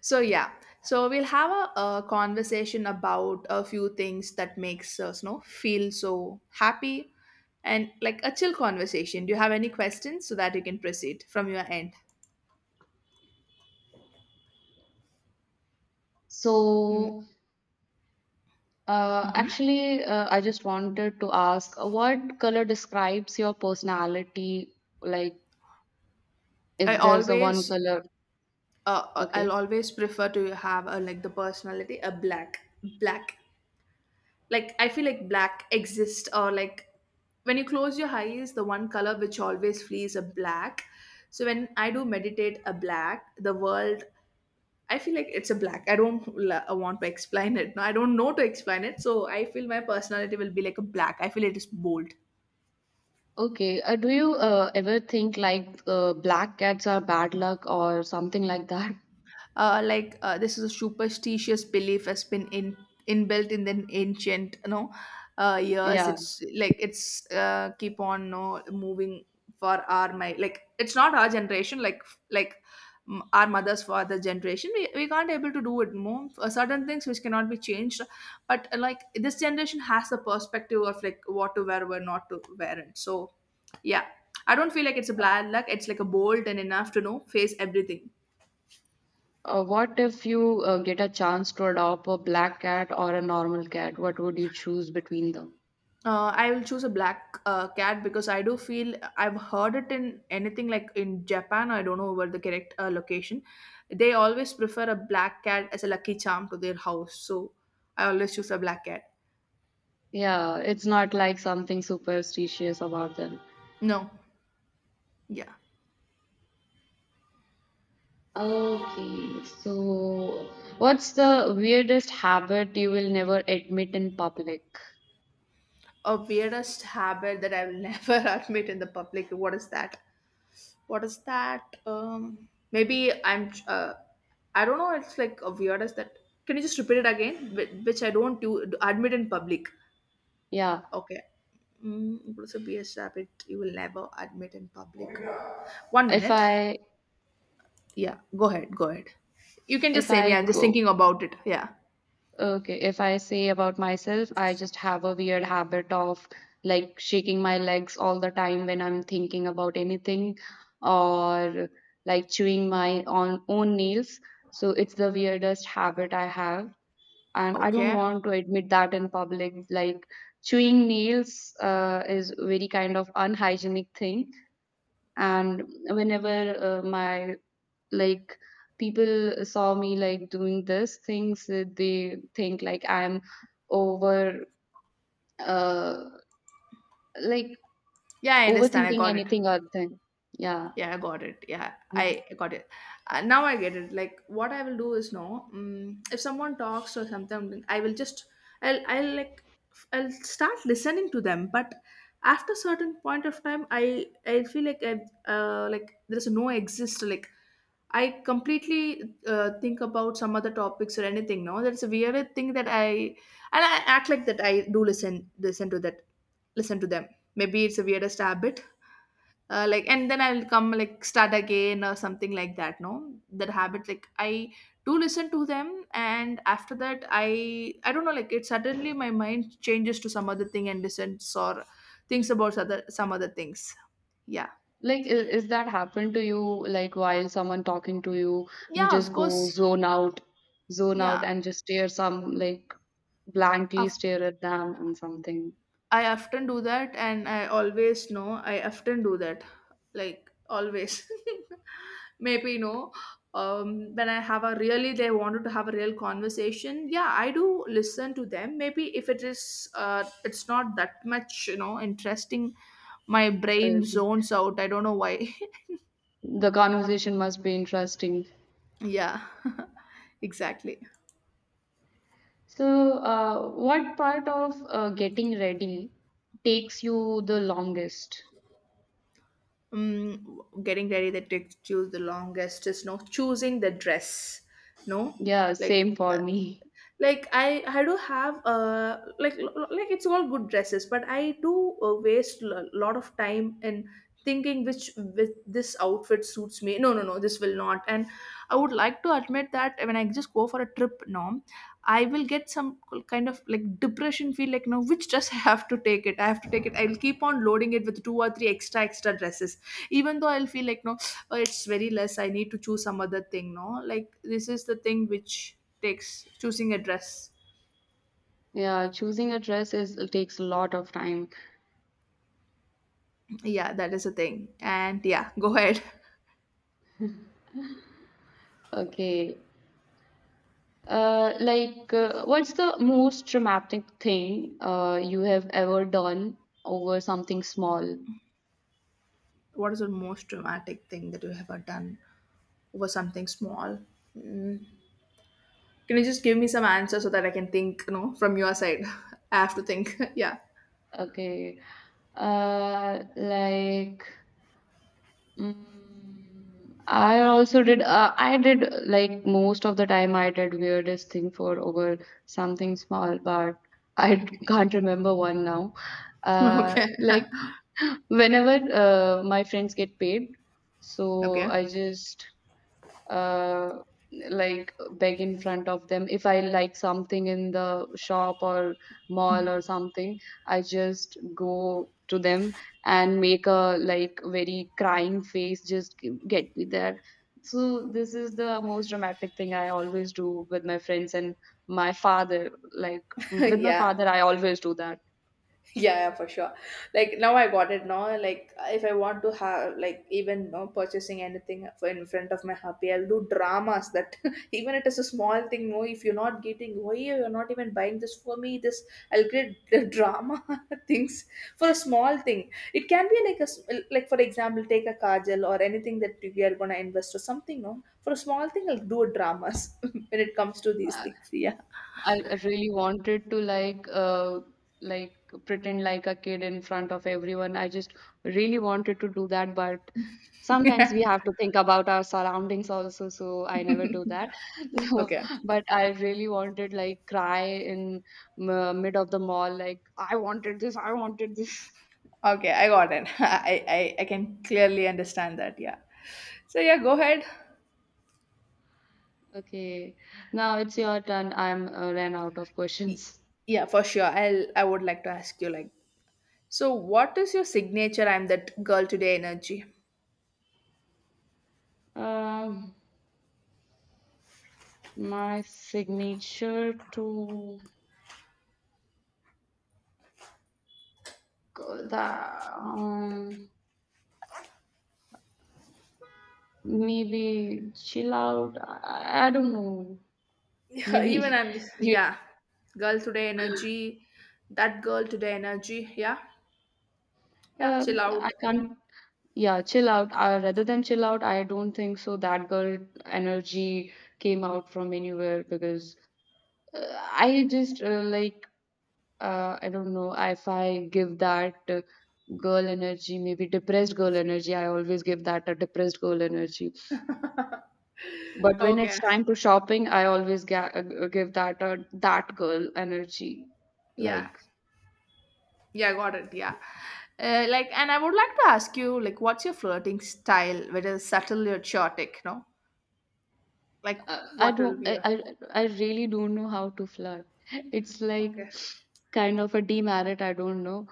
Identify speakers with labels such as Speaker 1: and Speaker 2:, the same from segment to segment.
Speaker 1: So yeah, so we'll have a conversation about a few things that makes us feel so happy and like a chill conversation. Do you have any questions so that you can proceed from your end?
Speaker 2: So,
Speaker 1: Mm-hmm.
Speaker 2: actually, I just wanted to ask, what color describes your personality? Like,
Speaker 1: I
Speaker 2: if there's a one
Speaker 1: always,
Speaker 2: color,
Speaker 1: I'll
Speaker 2: okay.
Speaker 1: always prefer to have a, like the personality a black. Like I feel like black exists, or like when you close your eyes, the one color which always flees a black. So when I do meditate a black, the world, I feel like it's a black. I don't I want to explain it. No, I don't know to explain it. So I feel my personality will be like a black. I feel it is bold.
Speaker 2: Okay. Do you ever think like black cats are bad luck or something like that?
Speaker 1: Like this is a superstitious belief has been in inbuilt in the ancient, years.
Speaker 2: Yeah.
Speaker 1: It's like it's keep on no moving for our my, like it's not our generation, like like our mothers for the generation. We can't able to do it more. Certain things which cannot be changed, but like this generation has the perspective of like what to wear, what not to wear it. So yeah, I don't feel like it's a bad luck. It's like a bold and enough to know face everything.
Speaker 2: What if you get a chance to adopt a black cat or a normal cat? What would you choose between them?
Speaker 1: I will choose a black cat because I do feel I've heard it in anything, like in Japan. I don't know where the correct location. They always prefer a black cat as a lucky charm to their house. So I always choose a black cat.
Speaker 2: Yeah, it's not like something superstitious about them.
Speaker 1: No, yeah.
Speaker 2: Okay, so what's the weirdest habit you will never admit in public?
Speaker 1: A weirdest habit that I will never admit in the public. What is that? What is that? Maybe I'm. I don't know. It's like a weirdest that. Can you just repeat it again? Which I don't do admit in public.
Speaker 2: Yeah,
Speaker 1: Okay. It would also habit you will never admit in public. One
Speaker 2: if
Speaker 1: minute.
Speaker 2: I
Speaker 1: Yeah, go ahead. Go ahead. You can just
Speaker 2: if
Speaker 1: say
Speaker 2: I
Speaker 1: me. I'm just
Speaker 2: go
Speaker 1: thinking about it. Yeah.
Speaker 2: okay, if I say about myself, I just have a weird habit of like shaking my legs all the time when I'm thinking about anything or like chewing my on own nails. So it's the weirdest habit I have. And I don't
Speaker 1: Okay.
Speaker 2: want to admit that in public. Like chewing nails is very kind of unhygienic thing, and whenever my like people saw me like doing this things, they think like I'm over uh like
Speaker 1: Yeah, I understand. I
Speaker 2: overthinking
Speaker 1: got it.
Speaker 2: anything or thing. Yeah,
Speaker 1: Yeah, I got it. Yeah,
Speaker 2: and
Speaker 1: I got it. Now I get it. Like what I will do is no, if someone talks or something, I will just I'll like f- I'll start listening to them. But after certain point of time, I feel like I like there's no exist, like I completely think about some other topics or anything. No, that's a weird thing that I, and I act like that I do listen to that, listen to them. Maybe it's a weirdest habit. Like, and then I'll come, like, start again or something like that. No, that habit, like, I do listen to them. And after that, I don't know, like, it suddenly my mind changes to some other thing and listens or thinks about other some other things. Yeah.
Speaker 2: like is that happened to you? Like while someone talking to you, you
Speaker 1: Yeah,
Speaker 2: just
Speaker 1: of
Speaker 2: go
Speaker 1: course.
Speaker 2: zone out
Speaker 1: Yeah,
Speaker 2: and just stare some like blankly
Speaker 1: of
Speaker 2: stare at them and something.
Speaker 1: I often do that, and I always know I often do that, like always. Maybe, when I have a really, they wanted to have a real conversation, yeah, I do listen to them. Maybe if it is, it's not that much, interesting. My brain
Speaker 2: Okay.
Speaker 1: zones out. I don't know why.
Speaker 2: The conversation must be interesting.
Speaker 1: yeah, exactly.
Speaker 2: So, what part of getting ready takes you the longest?
Speaker 1: Getting ready that takes choose the longest is no choosing the dress, no,
Speaker 2: Yeah,
Speaker 1: like
Speaker 2: same for me.
Speaker 1: I do have like it's all good dresses, but I do waste a lot of time in thinking which with this outfit suits me, no no no, this will not. And I would like to admit that when I just go for a trip now, I will get some kind of like depression feel, like no, which dress I have to take it I have to take it I'll keep on loading it with two or three extra extra dresses, even though I'll feel like, no, oh, it's very less, I need to choose some other thing, no, like this is the thing which takes choosing a dress.
Speaker 2: Yeah, choosing a dress is takes a lot of time.
Speaker 1: Yeah, that is a thing. And yeah, go ahead.
Speaker 2: Okay. Like, what's the most traumatic thing you have ever done over something small?
Speaker 1: What is the most dramatic thing that you have ever done over something small? Mm. Can you just give me some answers so that I can think, from your side? I have to think. yeah.
Speaker 2: Okay. Like, I also did. I did like most of the time. I did weirdest thing for over something small, but I can't remember one now.
Speaker 1: Okay.
Speaker 2: Like, whenever my friends get paid, so
Speaker 1: okay.
Speaker 2: I just uh, like beg in front of them. If I like something in the shop or mall or something, I just go to them and make a like very crying face, just get me there. So this is the most dramatic thing I always do with my friends and my father. Like with my
Speaker 1: yeah.
Speaker 2: father, I always do that.
Speaker 1: Yeah, yeah, for sure. Like now I got it. Now, like if I want to have, like, even no purchasing anything in front of my hubby, I'll do dramas that even it is a small thing. No, if you're not getting, why you're not even buying this for me? This I'll create the drama things for a small thing. It can be like like for example, take a kajal or anything that we are gonna invest or something. No, for a small thing, I'll do a dramas when it comes to these things. Yeah.
Speaker 2: I really wanted to like pretend like a kid in front of everyone. I just really wanted to do that, but sometimes we have to think about our surroundings also, so I never do that. So,
Speaker 1: Okay.
Speaker 2: but I really wanted like cry in m mid of the mall, like I wanted this, I wanted this.
Speaker 1: Okay, I got it. I can clearly understand that. Yeah. So yeah, go ahead.
Speaker 2: Okay, now it's your turn. I'm ran out of
Speaker 1: Y-
Speaker 2: questions.
Speaker 1: Yeah, for sure. I would like to ask you, like, so what is your signature I'm that girl today energy?
Speaker 2: Um, my signature to. The um, Maybe chill out. I don't know.
Speaker 1: Yeah, even
Speaker 2: Maybe
Speaker 1: I'm just
Speaker 2: you.
Speaker 1: yeah. Girl today energy, that girl today energy. Yeah. Yeah, chill
Speaker 2: I
Speaker 1: out.
Speaker 2: can't. Yeah, chill out. Rather than chill out, I don't think so. That girl energy came out from anywhere because uh, I just I don't know if I give that. Girl energy maybe depressed girl energy I always give that a depressed girl energy. But when it's
Speaker 1: Okay.
Speaker 2: time to shopping, I always ga give that that girl energy.
Speaker 1: Yeah.
Speaker 2: Like,
Speaker 1: Yeah, got it. Yeah. Like, and I would like to ask you, like, what's your flirting style, whether subtle or chaotic, no? Like,
Speaker 2: uh, I
Speaker 1: what will
Speaker 2: don't,
Speaker 1: be
Speaker 2: I,
Speaker 1: your—
Speaker 2: I I really don't know how to flirt. It's like
Speaker 1: Okay.
Speaker 2: kind of a demerit. I don't know,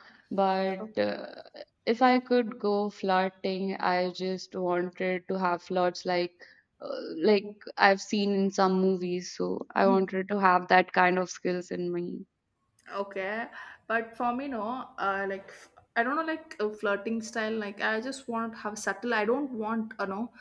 Speaker 1: O-
Speaker 2: but if I could go flirting, I just wanted to have flirts like, like I've seen in some movies. So I wanted to have that kind of skills in me.
Speaker 1: Okay. But for me, no, like, I don't know, like, a flirting style. Like, I just want to have subtle. I don't want, you know,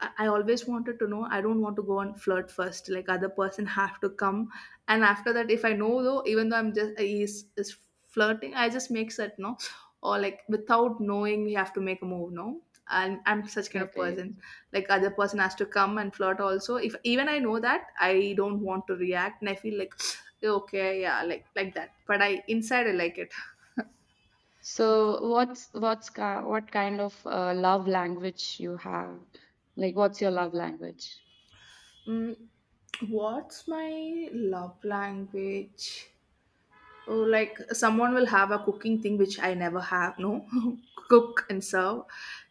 Speaker 1: I always wanted to know. I don't want to go and flirt first. Like, other person have to come, and after that, if I know though, even though I'm just he's is flirting, I just make that no, or like without knowing, we have to make a move. No, and I'm such kind of
Speaker 2: Okay.
Speaker 1: person. Like, other person has to come and flirt also. If even I know that, I don't want to react, and I feel like, okay, yeah, like that, but I, inside, I like it.
Speaker 2: So what kind of love language you have? Like, what's your love language?
Speaker 1: mm, what's my love language? Oh, like someone will have a cooking thing which I never have, no. Cook and serve.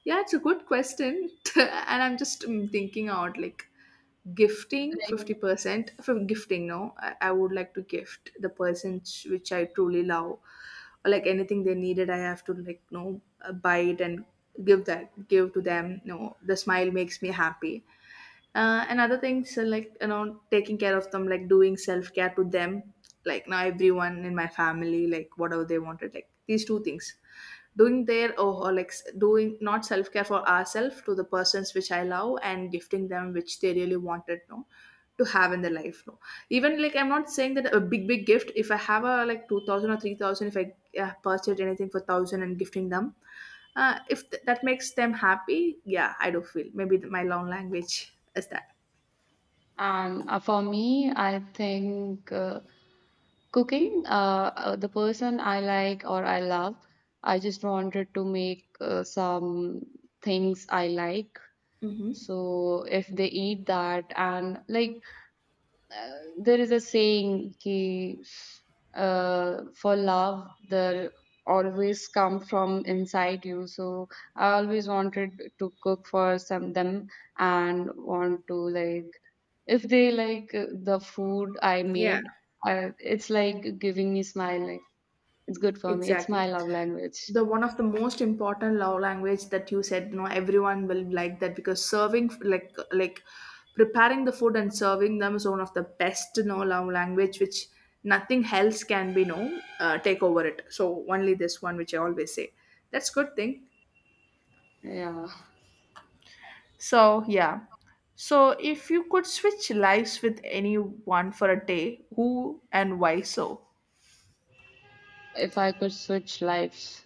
Speaker 1: Yeah, it's a good question. And I'm just thinking out, like, gifting.
Speaker 2: Like
Speaker 1: 50% for gifting, no, I would like to gift the person which I truly love, or like anything they needed, I have to, like, buy it and give that, give to them. The smile makes me happy. And other things, like, taking care of them, like doing self-care to them. Like, now everyone in my family, like whatever they wanted, like these two things: doing their, oh, or like doing not self care for ourselves to the persons which I love, and gifting them which they really wanted, no, to have in their life, no. Even, like, I'm not saying that a big big gift. If I have a, like, 2,000 or 3,000, if I purchased anything for thousand and gifting them, if that makes them happy, yeah, I do feel maybe my long language is that.
Speaker 2: for me, I think cooking. The person I like or I love, I just wanted to make some things I like.
Speaker 1: Hmm.
Speaker 2: So if they eat that and like, uh, there is a saying ki, for love there always come from inside you, so I always wanted to cook for some them and want to like, if they like the food I
Speaker 1: Yeah,
Speaker 2: made, it's like giving me smile, like it's good for me, it's my
Speaker 1: exactly.
Speaker 2: love language.
Speaker 1: The one of the most important love language that you said, everyone will like that, because serving, like, preparing the food and serving them is one of the best, love language which nothing else can be, no, take over it. So only this one, which I always say, that's good thing.
Speaker 2: Yeah,
Speaker 1: So yeah, so if you could switch lives with anyone for a day, who and why so?
Speaker 2: if I could switch lives,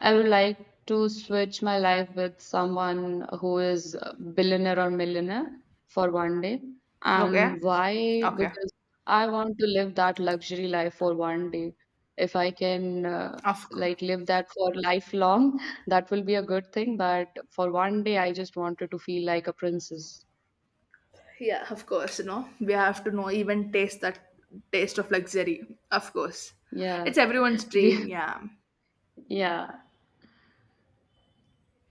Speaker 2: I would like to switch my life with someone who is a billionaire or millionaire for one day.
Speaker 1: Okay.
Speaker 2: And why?
Speaker 1: Okay.
Speaker 2: Because I want to live that luxury life for one day. If I can
Speaker 1: Of course.
Speaker 2: like live that for lifelong, that will be a good thing. But for one day, I just wanted to feel like a princess.
Speaker 1: Yeah, of course. We have to know, even taste that taste of luxury. Of course.
Speaker 2: Yeah.
Speaker 1: It's everyone's
Speaker 2: We,
Speaker 1: dream, yeah.
Speaker 2: yeah.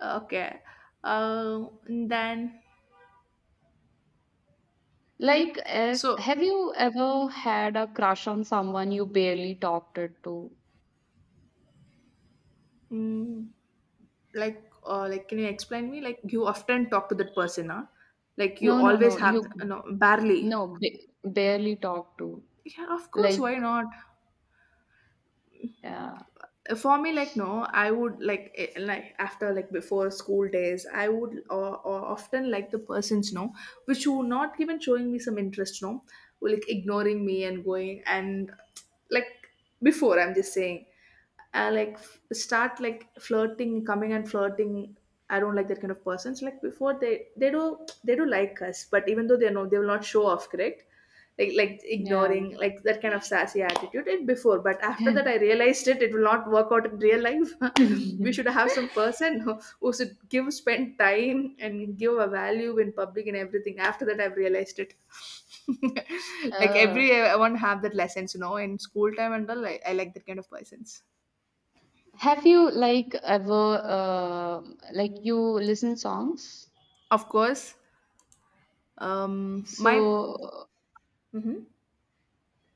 Speaker 1: Okay. And then
Speaker 2: Like, if
Speaker 1: so,
Speaker 2: have you ever had a crush on someone you barely talked it to?
Speaker 1: mm, like, like, can you explain me, like, you often talk to that person, huh? Like,
Speaker 2: No,
Speaker 1: you
Speaker 2: no,
Speaker 1: always
Speaker 2: no. You
Speaker 1: have, no, barely.
Speaker 2: no ba- barely talked to.
Speaker 1: Yeah, of course,
Speaker 2: Like,
Speaker 1: why not?
Speaker 2: yeah,
Speaker 1: For me, like no I would like like after like before school days I would or often like the persons no, which were not even showing me some interest no, were like ignoring me and going and like before I'm just saying I like start like flirting, coming and flirting. I don't like that kind of persons. Like before they do like us, but even though they know they will not show off, correct? Like ignoring,
Speaker 2: yeah.
Speaker 1: like that kind of sassy attitude and before, but after that I realized it, it will not work out in real life. We should have some person who should give, spend time and give a value in public and everything. After that I've realized it. Like
Speaker 2: uh,
Speaker 1: everyone have that lessons you know in school time and all. I like that kind of persons.
Speaker 2: have you like ever you listen songs?
Speaker 1: Of course. My
Speaker 2: So
Speaker 1: Mhm.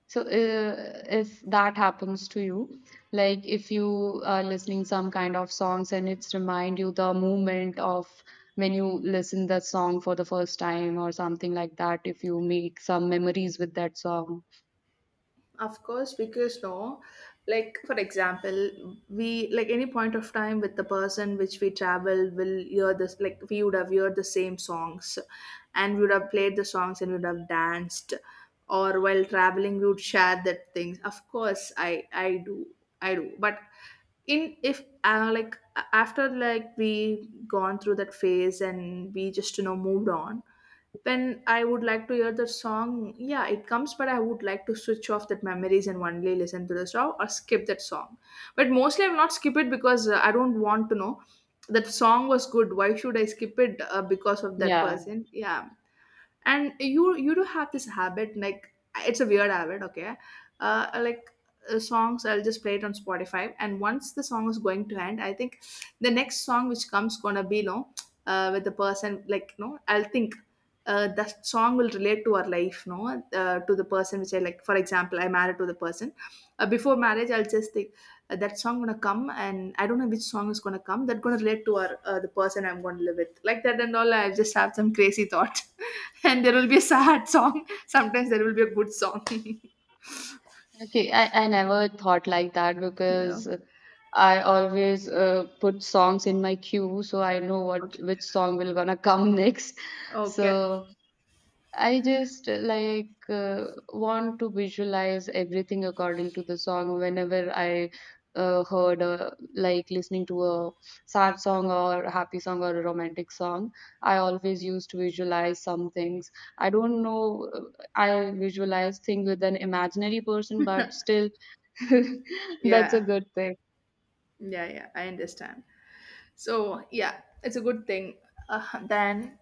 Speaker 2: So, if that happens to you, like if you are listening some kind of songs and it's remind you the moment of when you listen that song for the first time or something like that, if you make some memories with that song.
Speaker 1: Of course, because no, like for example, we like any point of time with the person which we travel will hear this, like we would have heard the same songs, and we would have played the songs and we would have danced, or while traveling we would share that things. Of course, I do. I do, but in, if like after like we gone through that phase and we just you know moved on, when I would like to hear the song, yeah, it comes, but I would like to switch off that memories and only listen to the song or skip that song. But mostly I will not skip it, because I don't want to know that song was good. Why should I skip it because of that
Speaker 2: Yeah.
Speaker 1: person? Yeah, and you do have this habit. Like it's a weird habit, okay? uh like Songs I'll just play it on Spotify, and once the song is going to end, I think the next song which comes gonna be, you know, with the person, like you know, I'll think that song will relate to our life no, to the person which I like. For example, I married to the person. Before marriage, I'll just think that song gonna come, and I don't know which song is gonna come, that gonna relate to our, the person I'm gonna live with, like that and all. I just have some crazy thought. And there will be a sad song. Sometimes there will be a good song.
Speaker 2: Okay, I never thought like that
Speaker 1: Yeah.
Speaker 2: because I always put songs in my queue, so I know what
Speaker 1: Okay.
Speaker 2: which song will gonna come next.
Speaker 1: Okay.
Speaker 2: So I just want to visualize everything according to the song whenever I heard a, like listening to a sad song or a happy song or a romantic song. I always used to visualize some things. I don't know, I visualize things with an imaginary person, but still, that's a
Speaker 1: yeah
Speaker 2: good thing.
Speaker 1: yeah yeah I understand. So yeah, it's a good thing. Then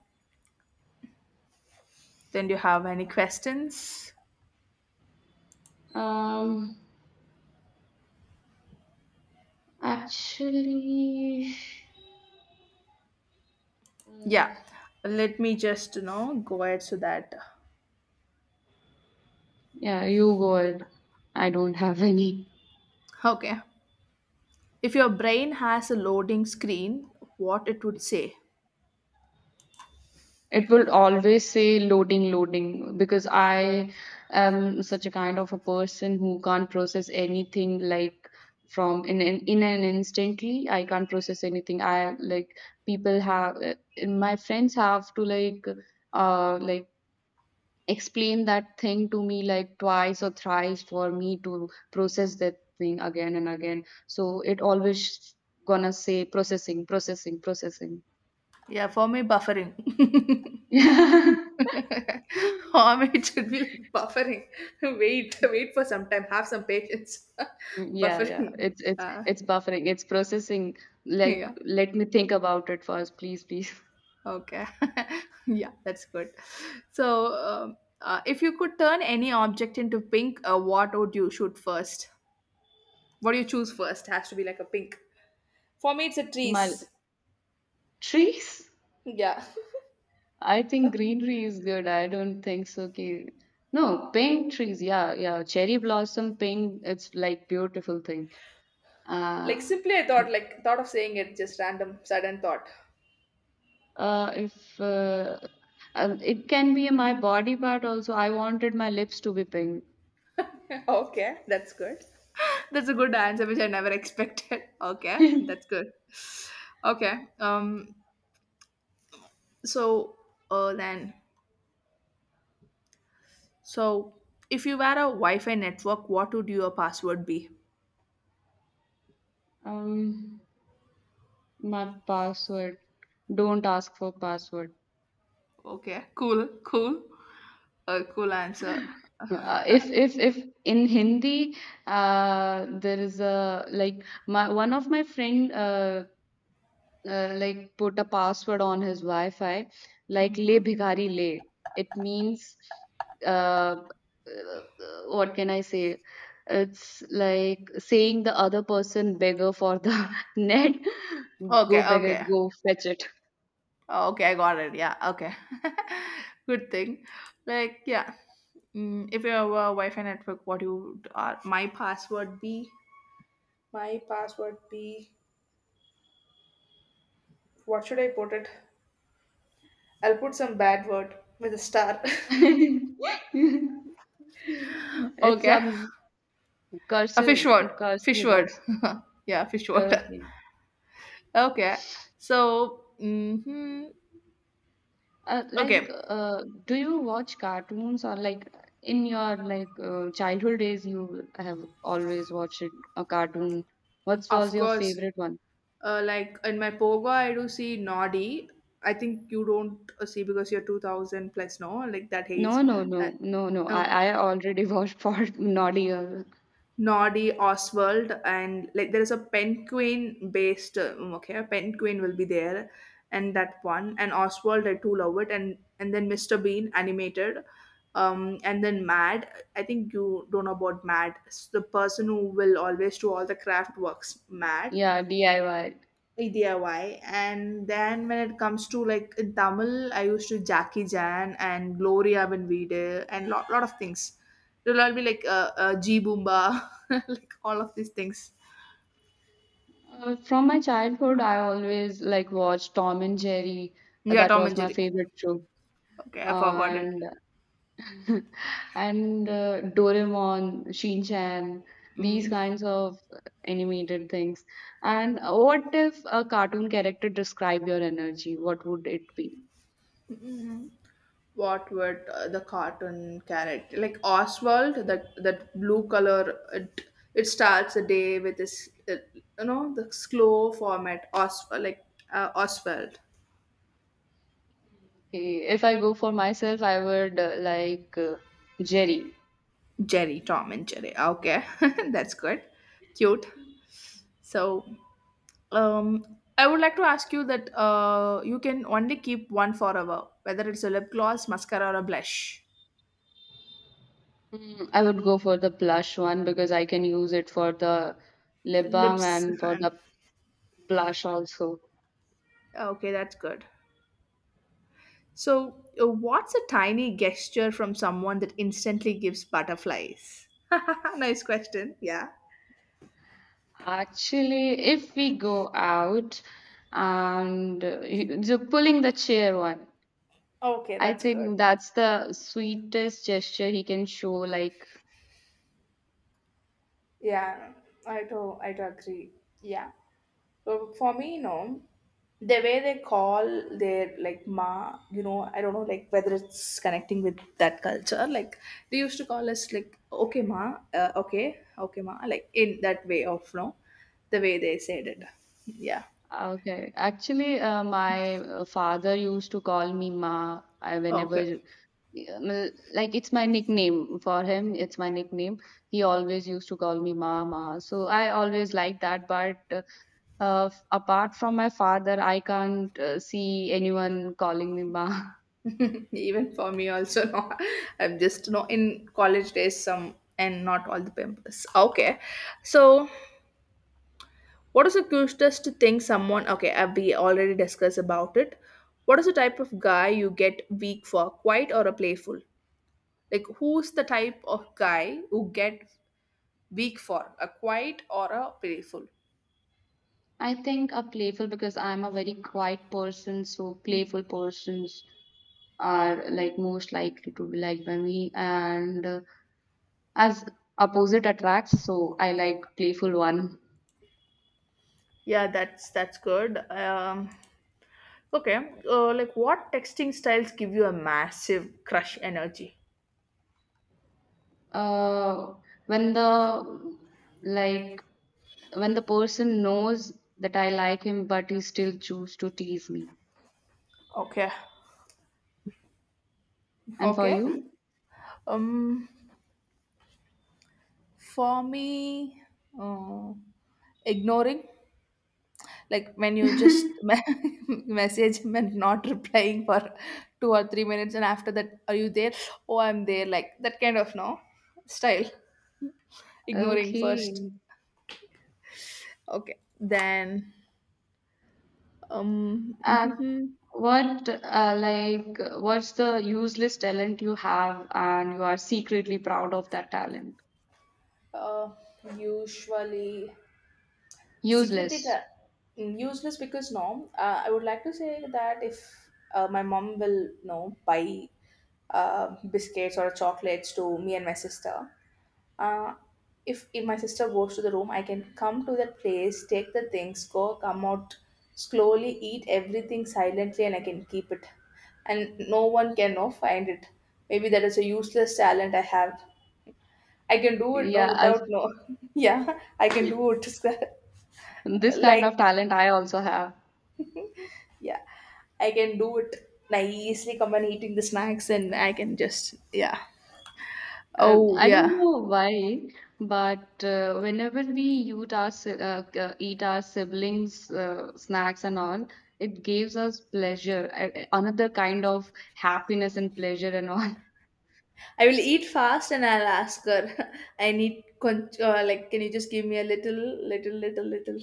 Speaker 1: do you have any questions?
Speaker 2: Um, Actually, uh,
Speaker 1: Yeah, let me just, you know, go ahead so that.
Speaker 2: yeah, you go ahead. I don't have any.
Speaker 1: Okay. If your brain has a loading screen, what it would say?
Speaker 2: It will always say loading, loading, because I am such a kind of a person who can't process anything like from in an instantly. I can't process anything. I like people have My friends have to like uh like explain that thing to me like twice or thrice for me to process that thing again and again. So it always gonna say processing, processing, processing.
Speaker 1: Yeah, for me, buffering. For me, it should be like buffering. Wait for some time. Have some patience.
Speaker 2: Mm. Yeah, yeah.
Speaker 1: Buffering. Uh,
Speaker 2: It's buffering. It's processing. Like,
Speaker 1: yeah.
Speaker 2: let me think about it first, please, please.
Speaker 1: Okay. Yeah, that's good. So, if you could turn any object into pink, what would you shoot first? What do you choose first? Has to be like a pink. For me, it's a
Speaker 2: My
Speaker 1: trees.
Speaker 2: trees?
Speaker 1: Yeah.
Speaker 2: I think greenery is good. I don't think so. No, pink trees. Yeah, yeah. Cherry blossom pink. It's like beautiful thing. Uh,
Speaker 1: Like simply, I thought of saying it. Just random, sudden thought.
Speaker 2: if It can be my body part also. I wanted my lips to be pink.
Speaker 1: Okay, that's good. That's a good answer, which I never expected. Okay, that's good. Okay, so then, so if you were a Wi-Fi network, what would your password be?
Speaker 2: Um, my password. Don't ask for password.
Speaker 1: Okay, cool, cool, cool answer.
Speaker 2: If in Hindi, there is a, like, my one of my friend like put a password on his Wi-Fi like le bhikari le. It means, uh, uh, what can I say, it's like saying the other person beggar for the net, go
Speaker 1: Okay,
Speaker 2: beggar,
Speaker 1: okay,
Speaker 2: go fetch it.
Speaker 1: okay, I got it. Yeah, okay. Good thing. Like, yeah, if you have a Wi-Fi network, what you would, my password be? My password be. What should I put it? I'll put some bad word with a star.
Speaker 2: It's
Speaker 1: Okay. A
Speaker 2: cursive
Speaker 1: fish word.
Speaker 2: cursive
Speaker 1: Fish word.
Speaker 2: words.
Speaker 1: Yeah, fish word.
Speaker 2: Okay.
Speaker 1: Okay. So, hmm,
Speaker 2: Like,
Speaker 1: okay.
Speaker 2: do you watch cartoons or like in your like childhood days you have always watched a cartoon? What was
Speaker 1: Of
Speaker 2: your
Speaker 1: course,
Speaker 2: favorite one?
Speaker 1: like in my Pogo, I do see Noddy. I think you don't see because you're 2000 plus, no? Like that age.
Speaker 2: No, no,
Speaker 1: Uh,
Speaker 2: no, no, no.
Speaker 1: okay.
Speaker 2: I already watched for Naughty Girl.
Speaker 1: Noddy, Oswald, and like there is a penguin based, okay, penguin will be there, and that one, and Oswald I do love it, and then Mr. Bean animated, and then Mad. I think you don't know about Mad. It's the person who will always do all the craft works, Mad.
Speaker 2: Yeah, DIY.
Speaker 1: DIY. And then when it comes to like in Tamil, I used to Jackie Jan and Gloria Benvide and lot of things. It'll all be like G Boomba, like all of these things.
Speaker 2: From my childhood, I always like watched Tom and Jerry.
Speaker 1: Yeah,
Speaker 2: That
Speaker 1: Tom
Speaker 2: was
Speaker 1: and
Speaker 2: my
Speaker 1: Jerry.
Speaker 2: favorite show.
Speaker 1: Okay, I forgot it.
Speaker 2: And and Doraemon, Shin, these
Speaker 1: Mm.
Speaker 2: kinds of animated things. And what if a cartoon character describe your energy? What would it be?
Speaker 1: What would the cartoon character like Oswald? That blue color. It starts the day with this, you know, the slow format. Oswald, like Oswald.
Speaker 2: Okay, if I go for myself, I would Jerry.
Speaker 1: Jerry, Tom and Jerry. Okay, that's good, cute. So, um, I would like to ask you that you can only keep one forever, whether it's a lip gloss, mascara, or a blush.
Speaker 2: Mm, I would go for the blush one because I can use it for the lip balm
Speaker 1: Lips
Speaker 2: and for
Speaker 1: and
Speaker 2: the blush also.
Speaker 1: okay, that's good. So, what's a tiny gesture from someone that instantly gives butterflies? Nice question. Yeah.
Speaker 2: Actually, if we go out and so pulling the chair one,
Speaker 1: Okay,
Speaker 2: I
Speaker 1: that's good.
Speaker 2: think that's the sweetest gesture he can show. Like,
Speaker 1: Yeah, I do. I do agree. Yeah. So for me, you know, the way they call their like ma, you know, I don't know, like whether it's connecting with that culture. Like they used to call us like okay ma, okay, okay ma, like in that way of no, the way they said it. Yeah.
Speaker 2: okay, actually, my father used to call me Ma.
Speaker 1: Okay.
Speaker 2: Uh, like, it's my nickname for him. It's my nickname. He always used to call me Ma, Ma. So I always like that. But apart from my father, I can't see anyone calling me Ma.
Speaker 1: Even for me also, no, I'm just no in college days some and not all the pimples. Okay. So what is the cutest thing someone? Okay, we already discussed about it. What is the type of guy you get weak for, quiet or a playful? Like, who's the type of guy who get weak for a quiet or a playful?
Speaker 2: I think a playful because I'm a very quiet person. So playful persons are like most likely to be liked by me, and as opposite attracts, so I like playful one.
Speaker 1: Yeah, that's good. Okay, like what texting styles give you a massive crush energy?
Speaker 2: uh when the like when the person knows that I like him, but he still choose to tease me.
Speaker 1: Okay,
Speaker 2: And for
Speaker 1: okay.
Speaker 2: you?
Speaker 1: Um, for me, uh, ignoring. Like when you just message him and not replying for 2 or 3 minutes, and after that, are you there? Oh, I'm there. Like that kind of no style, ignoring first.
Speaker 2: Okay.
Speaker 1: Okay, then um,
Speaker 2: uh,
Speaker 1: mhm.
Speaker 2: what's the useless talent you have and you are secretly proud of that talent?
Speaker 1: uh, Usually security
Speaker 2: Useless.
Speaker 1: tra- useless, because no, I would like to say that if my mom will no buy biscuits or chocolates to me and my sister. uh, if my sister goes to the room, I can come to that place, take the things, go, come out slowly, eat everything silently, and I can keep it, and no one can no find it. Maybe that is a useless talent I have. I can do it no
Speaker 2: Yeah.
Speaker 1: without no. Yeah, I can do it.
Speaker 2: This kind of
Speaker 1: Like,
Speaker 2: talent I also have.
Speaker 1: yeah, I can do it nicely. Come and eating the snacks, and I can just, yeah. Oh
Speaker 2: I don't
Speaker 1: yeah.
Speaker 2: know why, but whenever we eat our siblings' snacks and all, it gives us pleasure, another kind of happiness and pleasure and all.
Speaker 1: I will eat fast and I'll ask her. I need like, can you just give me a little, little little little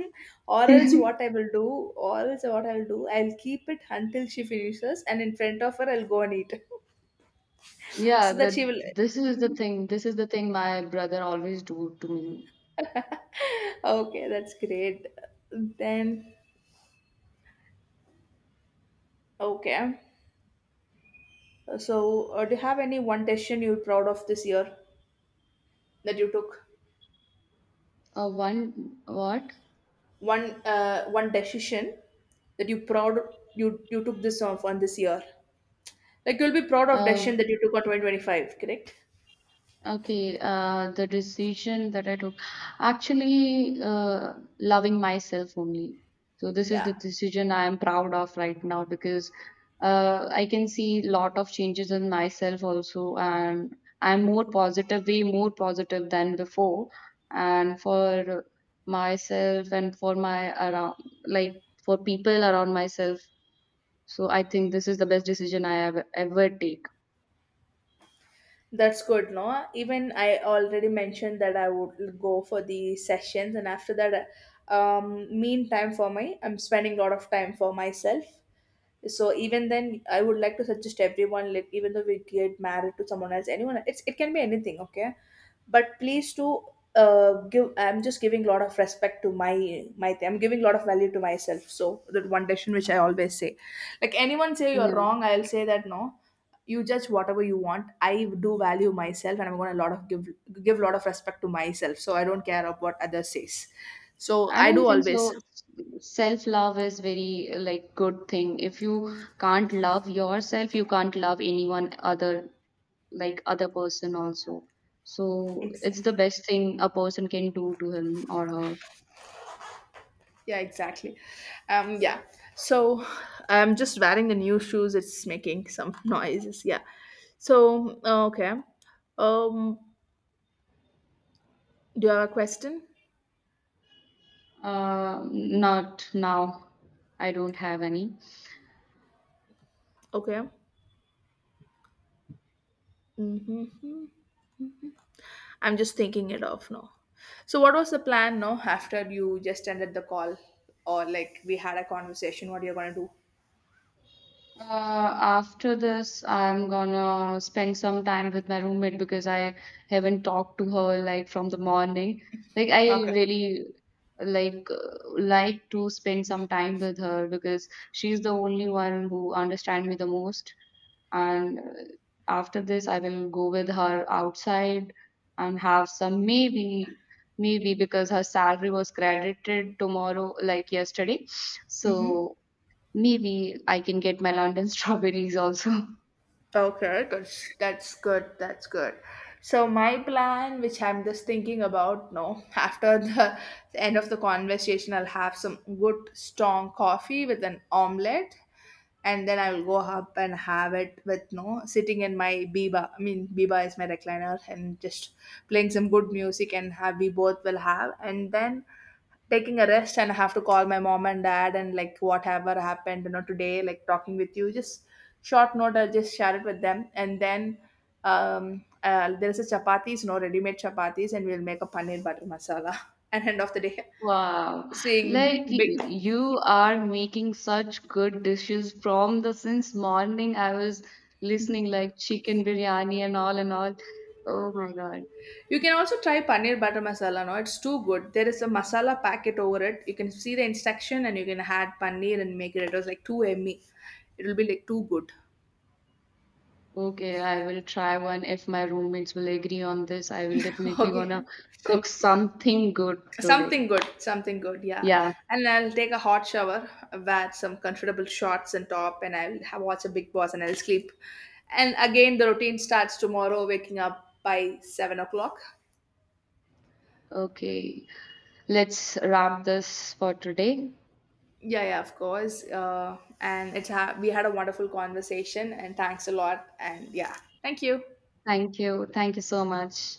Speaker 1: or else what I will do, or else what I'll do, I'll keep it until she finishes, and in front of her I'll go and eat.
Speaker 2: Yeah,
Speaker 1: So that she
Speaker 2: that
Speaker 1: will.
Speaker 2: this is the thing. This is the thing my brother always do to me.
Speaker 1: Okay, that's great. Then okay. So do you have any one decision you're proud of this year that you took?
Speaker 2: One what?
Speaker 1: One decision that you proud, you took this off on this year? Like you'll be proud of decision
Speaker 2: Uh,
Speaker 1: that you took on 2025, correct?
Speaker 2: Okay, the decision that I took, actually, loving myself only. So this is the
Speaker 1: Yeah,
Speaker 2: decision I am proud of right now because I can see lot of changes in myself also, and I'm more positive, way more positive than before. And for myself and for my around, like for people around myself. So I think this is the best decision I have ever take.
Speaker 1: that's good. No, even I already mentioned that I would go for the sessions, and after that, mean time for my, I'm spending a lot of time for myself. So even then, I would like to suggest everyone, like even though we get married to someone else, anyone, it's it can be anything, okay? But please do give. I'm just giving a lot of respect to my. I'm giving a lot of value to myself. So that one decision which I always say, like anyone say you're
Speaker 2: Yeah.
Speaker 1: wrong, I'll say that no. You judge whatever you want. I do value myself, and I'm going to lot of give give a lot of respect to myself. So I don't care about what others says. So
Speaker 2: I
Speaker 1: I
Speaker 2: don't
Speaker 1: do
Speaker 2: think so.
Speaker 1: always.
Speaker 2: Self love is very like good thing. If you can't love yourself, you can't love anyone other like other person also. So it's
Speaker 1: Exactly.
Speaker 2: the best thing a person can do to him or her.
Speaker 1: Yeah, exactly. Yeah. So I'm just wearing the new shoes. It's making some noises. Yeah. So okay. Um, do you have a question?
Speaker 2: Not now. I don't have any.
Speaker 1: Okay. Mm-hmm. I'm just thinking it off now. So what was the plan now after you just ended the call, or like we had a conversation? What you're gonna do?
Speaker 2: After this, I'm gonna spend some time with my roommate because I haven't talked to her like from the morning. Like I
Speaker 1: Okay.
Speaker 2: really like to spend some time with her because she's the only one who understands me the most. And after this, I will go with her outside and have some maybe because her salary was credited tomorrow, like yesterday. So maybe I can get my London strawberries also.
Speaker 1: Okay, that's good. That's good. So my plan, which I'm just thinking about, no, after the end of the conversation, I'll have some good strong coffee with an omelette, and then I'll go up and have it with no sitting in my biba. I mean, biba is my recliner, and just playing some good music, and have we both will have, and then taking a rest. And I have to call my mom and dad and like whatever happened, you know, today, like talking with you, just short note, I'll just share it with them. And then there's a chapatis, you know, ready-made chapatis, and we'll make a paneer butter masala. And end of the day,
Speaker 2: Wow,
Speaker 1: seeing
Speaker 2: like
Speaker 1: big.
Speaker 2: you are making such good dishes from the since morning I was listening like chicken biryani and all and all. Oh my God.
Speaker 1: You can also try paneer butter masala. No, it's too good. There is a masala packet over it. You can see the instruction, and you can add paneer and make it. It was like too yummy. It will be like too good.
Speaker 2: Okay, I will try one if my roommates will agree on this. I will definitely gonna
Speaker 1: Okay.
Speaker 2: cook something good today.
Speaker 1: Something good, yeah.
Speaker 2: Yeah,
Speaker 1: And I'll take a hot shower, wear some comfortable shorts and top, and I'll have, watch a Big Boss and I'll sleep. And again, the routine starts tomorrow, waking up by 7 o'clock.
Speaker 2: okay. Let's wrap this for today.
Speaker 1: Yeah, yeah, of course. And it's we had a wonderful conversation, and thanks a lot. And yeah, thank you.
Speaker 2: Thank you. Thank you so much.